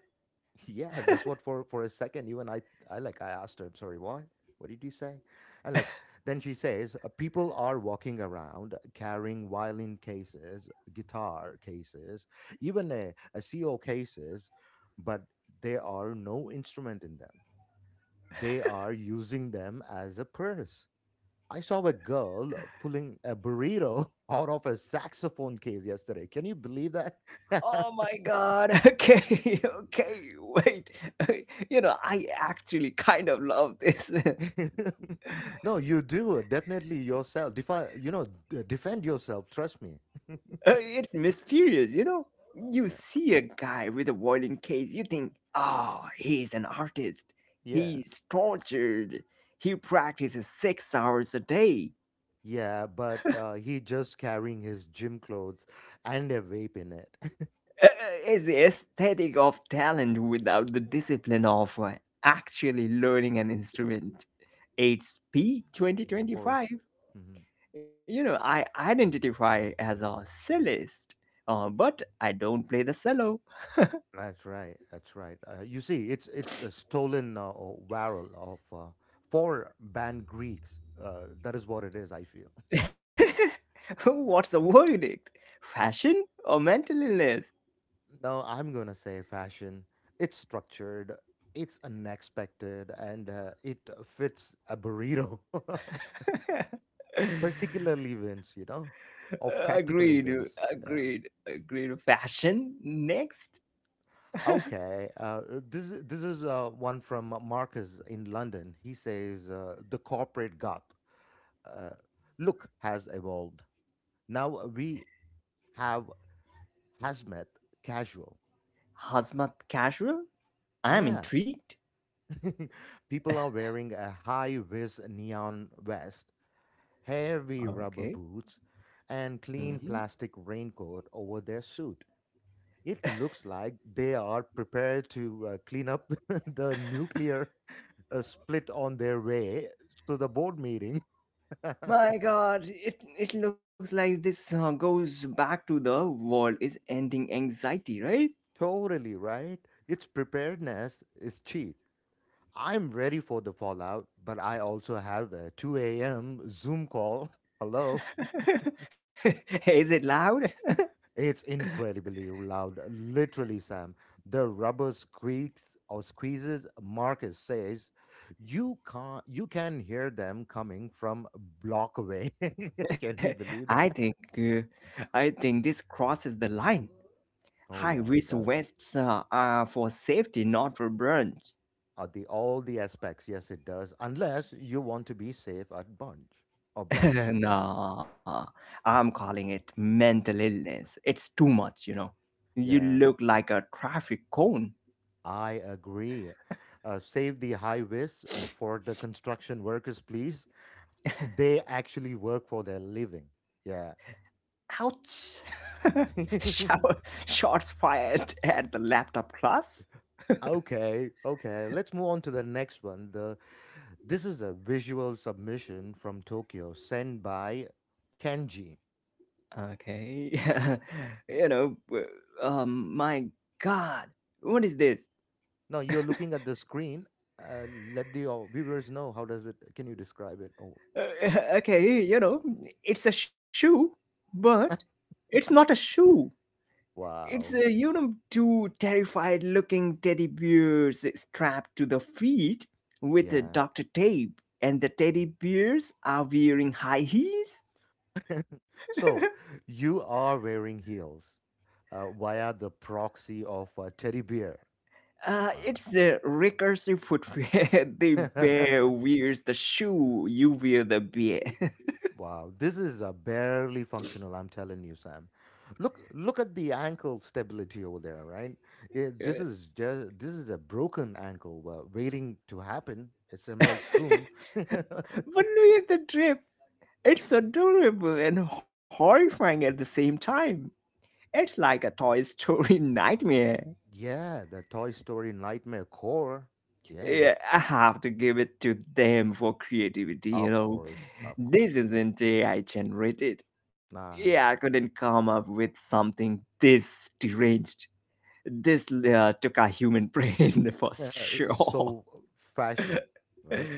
Yeah, that's what, for for a second, you and I I like, I asked her, sorry, what? What did you say? And like, then she says, uh, people are walking around carrying violin cases, guitar cases, even a, a C O cases, but there are no instrument in them. They are using them as a purse. I saw a girl pulling a burrito out of a saxophone case yesterday. Can you believe that?
Oh my god, okay, okay, wait. You know, I actually kind of love this. Uh,
No, you do definitely yourself. Defi- you know, d- defend yourself. Trust me.
It's mysterious, you know? You
Yeah,
see a guy with a violin case, you think, oh, he's an artist.
yeah,
He's tortured. He practices six hours a day.
yeah. But uh, he just carrying his gym clothes and a vape in it. Of
Uh, is the aesthetic of talent without the discipline of uh, actually learning an instrument. It's P
course.
twenty twenty-five.
Hmm.
You know, I identify as a cellist, uh, but I don't play the cello.
That's right. That's right. Uh, you see, it's it's a stolen uh, uh, barrel of uh, four banned Greeks. Uh, that is what it is. I feel.
What's the verdict? Fashion or mental illness?
No, I'm gonna say fashion. It's structured, it's unexpected, and uh, it uh, fits a burrito. Particular events, you know, or
agreed,
practical events. Yeah.
agreed, agreed. Fashion next.
Okay. Uh, this is- this is uh, one from Marcus in London. He says uh, the corporate goth uh, look has evolved. Now we have hazmat casual.
Hazmat casual. I'm
Yeah.
intrigued.
People are wearing a high vis neon vest, heavy rubber
Okay.
boots, and
Mhm.
clean plastic raincoat over their suit. It looks like they are prepared to uh, clean up the nuclear uh, split on their way to the board meeting.
My God, it it looks like this uh, goes back to the world is ending anxiety, right?
Totally, right? Its preparedness is cheap. I'm ready for the fallout, but I also have a two a m. Zoom call. Hello.
Is it loud?
It's incredibly loud, literally, Sam. The rubber squeaks or squeezes, Marcus says. You can't you can hear them coming from a block away. Can you believe
I
that?
think uh, I think this crosses the line.
Oh
High
yeah, it
risk
does.
vests uh, are for safety, not for brunch.
At the all the aspects, yes it does. Unless you want to be safe at brunch. Or brunch, yeah.
Nah, I'm calling it mental illness. It's too much, you know. You
Yeah,
look like a traffic cone.
I agree. Uh, save the highways for the construction workers, please. They actually work for their living. Yeah.
Ouch! Shower, shots fired at the laptop class.
Okay, okay. Let's move on to the next one. The this is a visual submission from Tokyo, sent by Kenji.
Okay. you know, w- um, my God, what is this?
Now you're looking at the screen. Uh, let the uh, viewers know how does it. Can you describe it? Oh,
Uh, okay, you know, it's a shoe, but it's not a shoe. It's a,
wow.
you know, two terrified looking teddy bears strapped to the feet with a
Yeah.
doctor tape, and the teddy bears are wearing high heels.
So you are wearing heels uh, via the proxy of a teddy bear.
Uh, it's the recursive footwear. The
Wow.
bear wears the shoe, you wear the bear.
Wow, this is uh, barely functional. I'm telling you, Sam. Look, look at the ankle stability over there, right? Yeah, this is just this is a broken ankle, uh, waiting to happen. It's a made soon.
But wear the drip. It's adorable and horrifying at the same time. It's like a Toy Story nightmare.
Yeah, the Toy Story Nightmare Core. Yeah,
Yeah, I have to give it to them for creativity, you
of
know.
course, of
This
course.
isn't A I generated. Yeah, I
Nah.
couldn't come up with something this deranged. This uh, took a human brain for sure.
So fashion, right?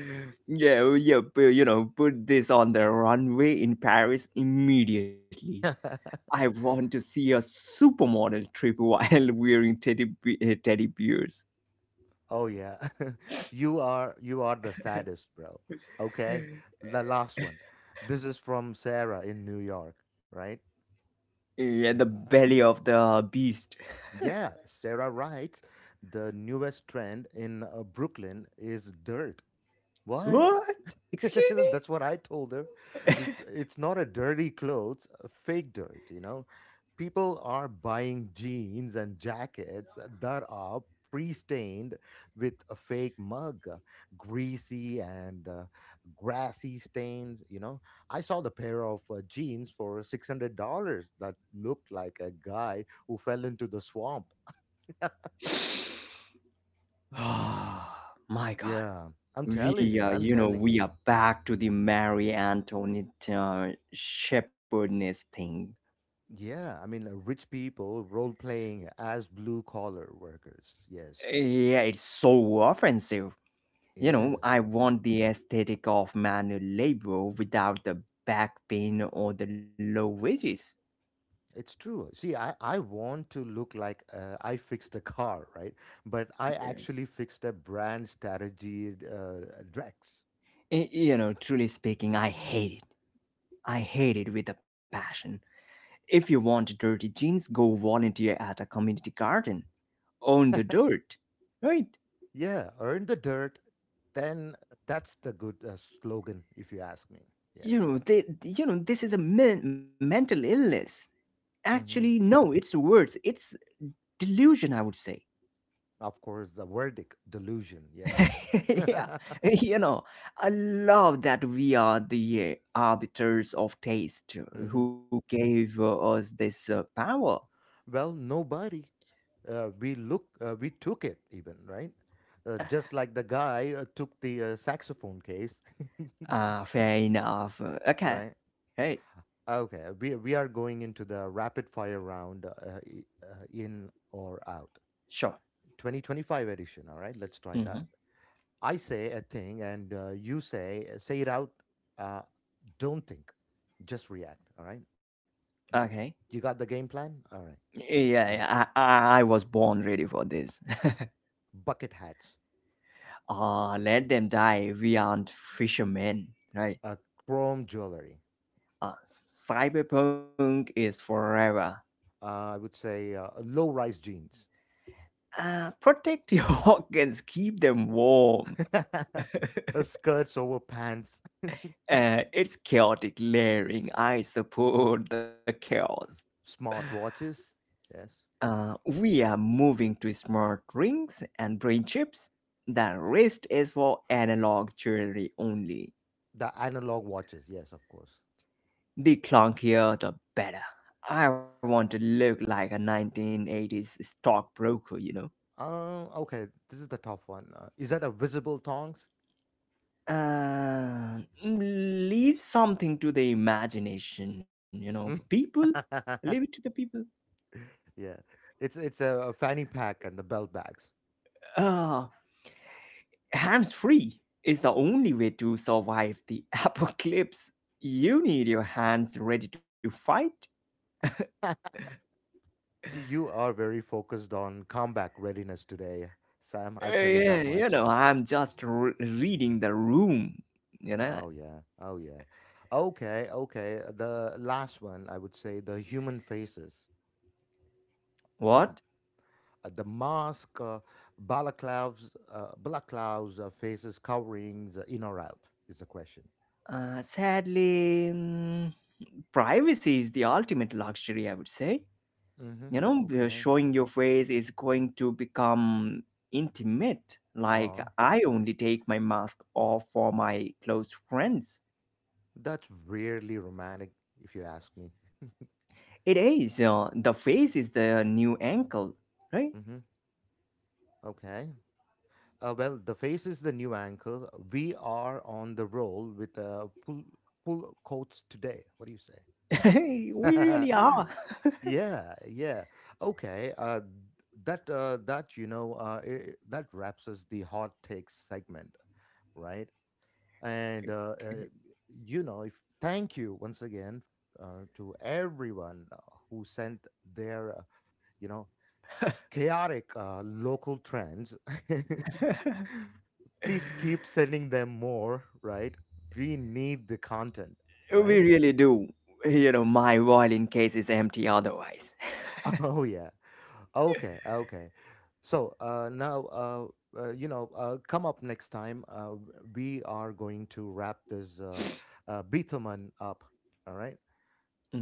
Yeah, well, yeah, pu- you know, put this on the runway in Paris immediately. I want to see a supermodel trip while wearing teddy be- uh, teddy bears.
Oh yeah. you are you are the saddest, bro. Okay? The last one. This is from Sarah in New York, right?
Yeah, the belly of the beast.
Yeah, Sarah writes, the newest trend in uh, Brooklyn is dirt. Why?
What? Excuse me?
That's what I told her. It's it's not a dirty clothes, a fake dirt, you know. People are buying jeans and jackets that are pre-stained with a fake mug, uh, greasy and uh, grassy stains, you know. I saw the pair of uh, jeans for six hundred dollars that looked like a guy who fell into the swamp.
Ah, My God.
Yeah, I'm telling
We
you,
are,
I'm
you know,
telling
we
you.
are back to the Mary Antoinette uh, shepherdess thing.
Yeah, I mean, uh, rich people role playing as blue collar workers. Yes,
Yeah, it's so offensive.
it
You know,
is.
I
Mm,
want the aesthetic of manual labor without the back pain or the low wages.
it's true. See, I, I want to look like uh, I fixed the car, right? But I
Yeah.
actually fixed the brand strategy, uh, Drex.
Y- You know, truly speaking, I hate it. I hate it with a passion. If you want dirty jeans, go volunteer at a community garden. Own the dirt, right?
Yeah, earn the dirt, then that's the good uh, slogan, if you ask me.
You
Yes.
know, they, you know, this is a men- mental illness. Actually,
Hmm.
no, it's worse. It's delusion, I would say.
Of course, the verdict delusion. Yes.
Yeah, you know, I love that we are the uh, arbiters of taste
Hmm.
who gave uh, us this uh, power.
Well, nobody. Uh, we look, uh, we took it even, right? Uh, just like the guy uh, took the uh, saxophone case,
Uh, fair enough. Uh, Okay.
right?
Hey,
Okay, we we are going into the rapid fire round, uh, i- uh, in or out,
sure.
twenty twenty-five edition. All right, let's try
hmm
that. I say a thing, and uh, you say say it out. Uh, don't think, just react. All right,
Okay.
you you got the game plan. All right,
Yeah,
all right.
yeah. I, I, I was born ready for this.
Bucket hats.
Uh, let them die. We aren't fishermen, right?
uh, Chrome jewelry.
Uh, Cyberpunk is forever.
Uh, I would say uh, low-rise jeans.
Uh, protect your organs, keep them warm.
A skirts over pants.
Uh, it's chaotic layering. I support the chaos.
Smart watches. Yes,
Uh, we are moving to smart rings and brain chips. The rest is for analog jewelry only.
the analog watches. Yes, of course.
The clunkier, the better. I want to look like a nineteen eighties stockbroker, you know.
Uh, okay, this is the tough one. Uh, is that a visible thongs?
Uh, mm, leave something to the imagination, you know. People, leave it to the people.
Yeah, it's it's a, a fanny pack and the belt bags.
Ah. Hands free is the only way to survive the apocalypse. You need your hands ready to fight.
You are very focused on combat readiness today, Sam. I'll tell
Eh,
you
yeah,
that
you
much.
know, I'm just re- reading the room. You know,
Oh yeah, oh yeah. Okay, okay. The last one, I would say, the human faces. Yeah.
what?
Uh, the mask, uh, balaclavas, uh, balaclavas, uh, faces, coverings, uh, in or out is the question.
Uh, sadly, mm, privacy is the ultimate luxury, I would say.
Mm-hmm.
You know, uh,
Okay.
showing your face is going to become intimate. Like,
Uh,
I only take my mask off for my close friends.
that's rarely romantic, if you ask me.
It is. Uh, the face is the new ankle, right?
Mm-hmm. Okay. Uh, well, the face is the new ankle. We are on the roll with uh, pull, pull quotes today. What do you say?
Hey, we really are.
Yeah, yeah. Okay, uh, that uh, that you know uh, I that wraps us the hot takes segment, right? And uh, uh, you know, if thank you once again uh, to everyone uh, who sent their uh, you know chaotic uh, local trends. Please keep sending them more, right? We need the content,
We
right?
really do. You know, my violin case is empty otherwise.
Oh yeah. Okay, okay. So uh, now, uh, uh, you know, uh, come up next time. Uh, we are going to wrap this uh, uh, Beethoven up. All right.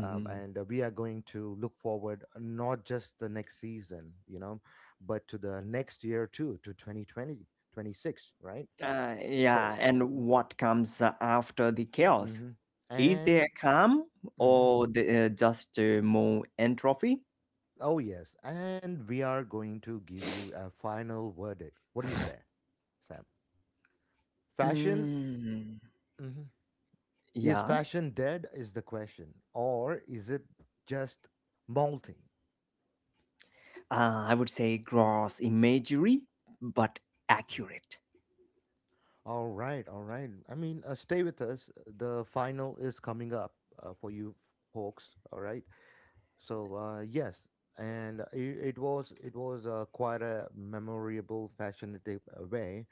Um, and uh, we are going to look forward uh, not just the next season, you know, but to the next year too, to twenty twenty twenty six, right?
Uh, yeah,
So,
and
w-
what comes after the chaos?
mhm.
Is there
And.
calm
Mhm.
or the, uh, just uh, more entropy?
Oh, yes. And we are going to give you a final verdict. What do you say, Sam? Fashion.
Mm.
Mhm. Is
Yeah,
fashion dead is the question, or is it just molting?
uh, I would say gross imagery, but
Mhm.
accurate.
All right, all right. I mean, uh, stay with us. The final is coming up uh, for you folks. All right. So uh, yes, and it, it was it was uh, quite a memorable, fascinating uh, way.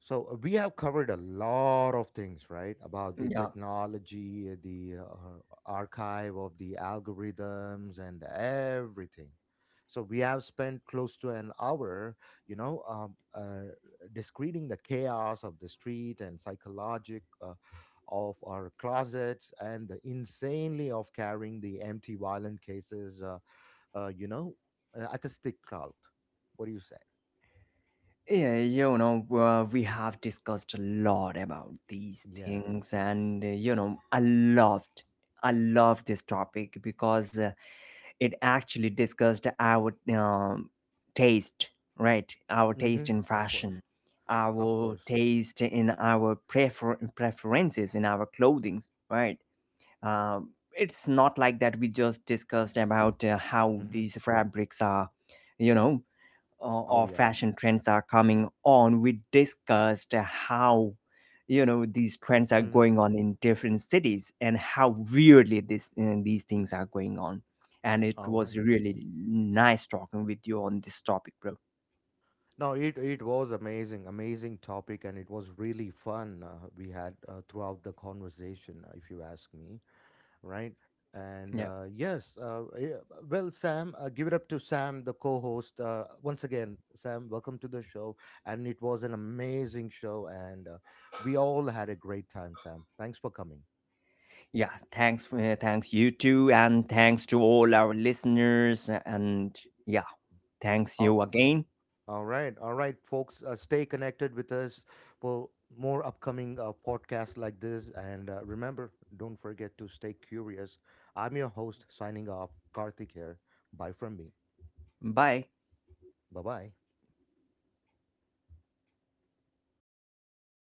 So uh, we have covered a lot of things, right? About the
Yeah.
technology, uh, the uh, archive of the algorithms, and everything. So we have spent close to an hour, you know, um, uh, discreeting the chaos of the street and psychologic uh, of our closets and the insanely of carrying the empty violent cases, uh, uh, you know, uh, at a stick clout. What do you say?
Yeah, you know, uh, we have discussed a lot about these
Yeah.
things, and uh, you know, I loved, I loved this topic because uh, it actually discussed our um, taste, right? Our
Mm-hmm.
taste in
Of course.
fashion,
Of
our
course.
taste in our prefer- preferences in our clothings, right? Um it's not like that we just discussed about uh, how
Mm-hmm.
these fabrics are, you know, uh,
Oh
or
yeah.
fashion trends are coming on, we discussed how you know these trends are
Mm-hmm.
going on in different cities and how weirdly this uh, these things are going on. And it
All
was
right.
really nice talking with you on this topic, bro.
No, it it was amazing, amazing topic, and it was really fun uh, we had uh, throughout the conversation, uh, if you ask me, right? And
Yeah,
uh, yes, uh, yeah, well, Sam, uh, give it up to Sam, the co-host. Uh, once again, Sam, welcome to the show, and it was an amazing show, and uh, we all had a great time. Sam, thanks for coming.
yeah. Thanks, for- uh, thanks you too, and thanks to all our listeners. And yeah, thanks
Um,
you again.
All right, all right, folks. Uh, stay connected with us for more upcoming uh, podcasts like this. And uh, remember, don't forget to stay curious. I'm your host, signing off, Karthik here. Bye from me.
Bye.
Bye bye.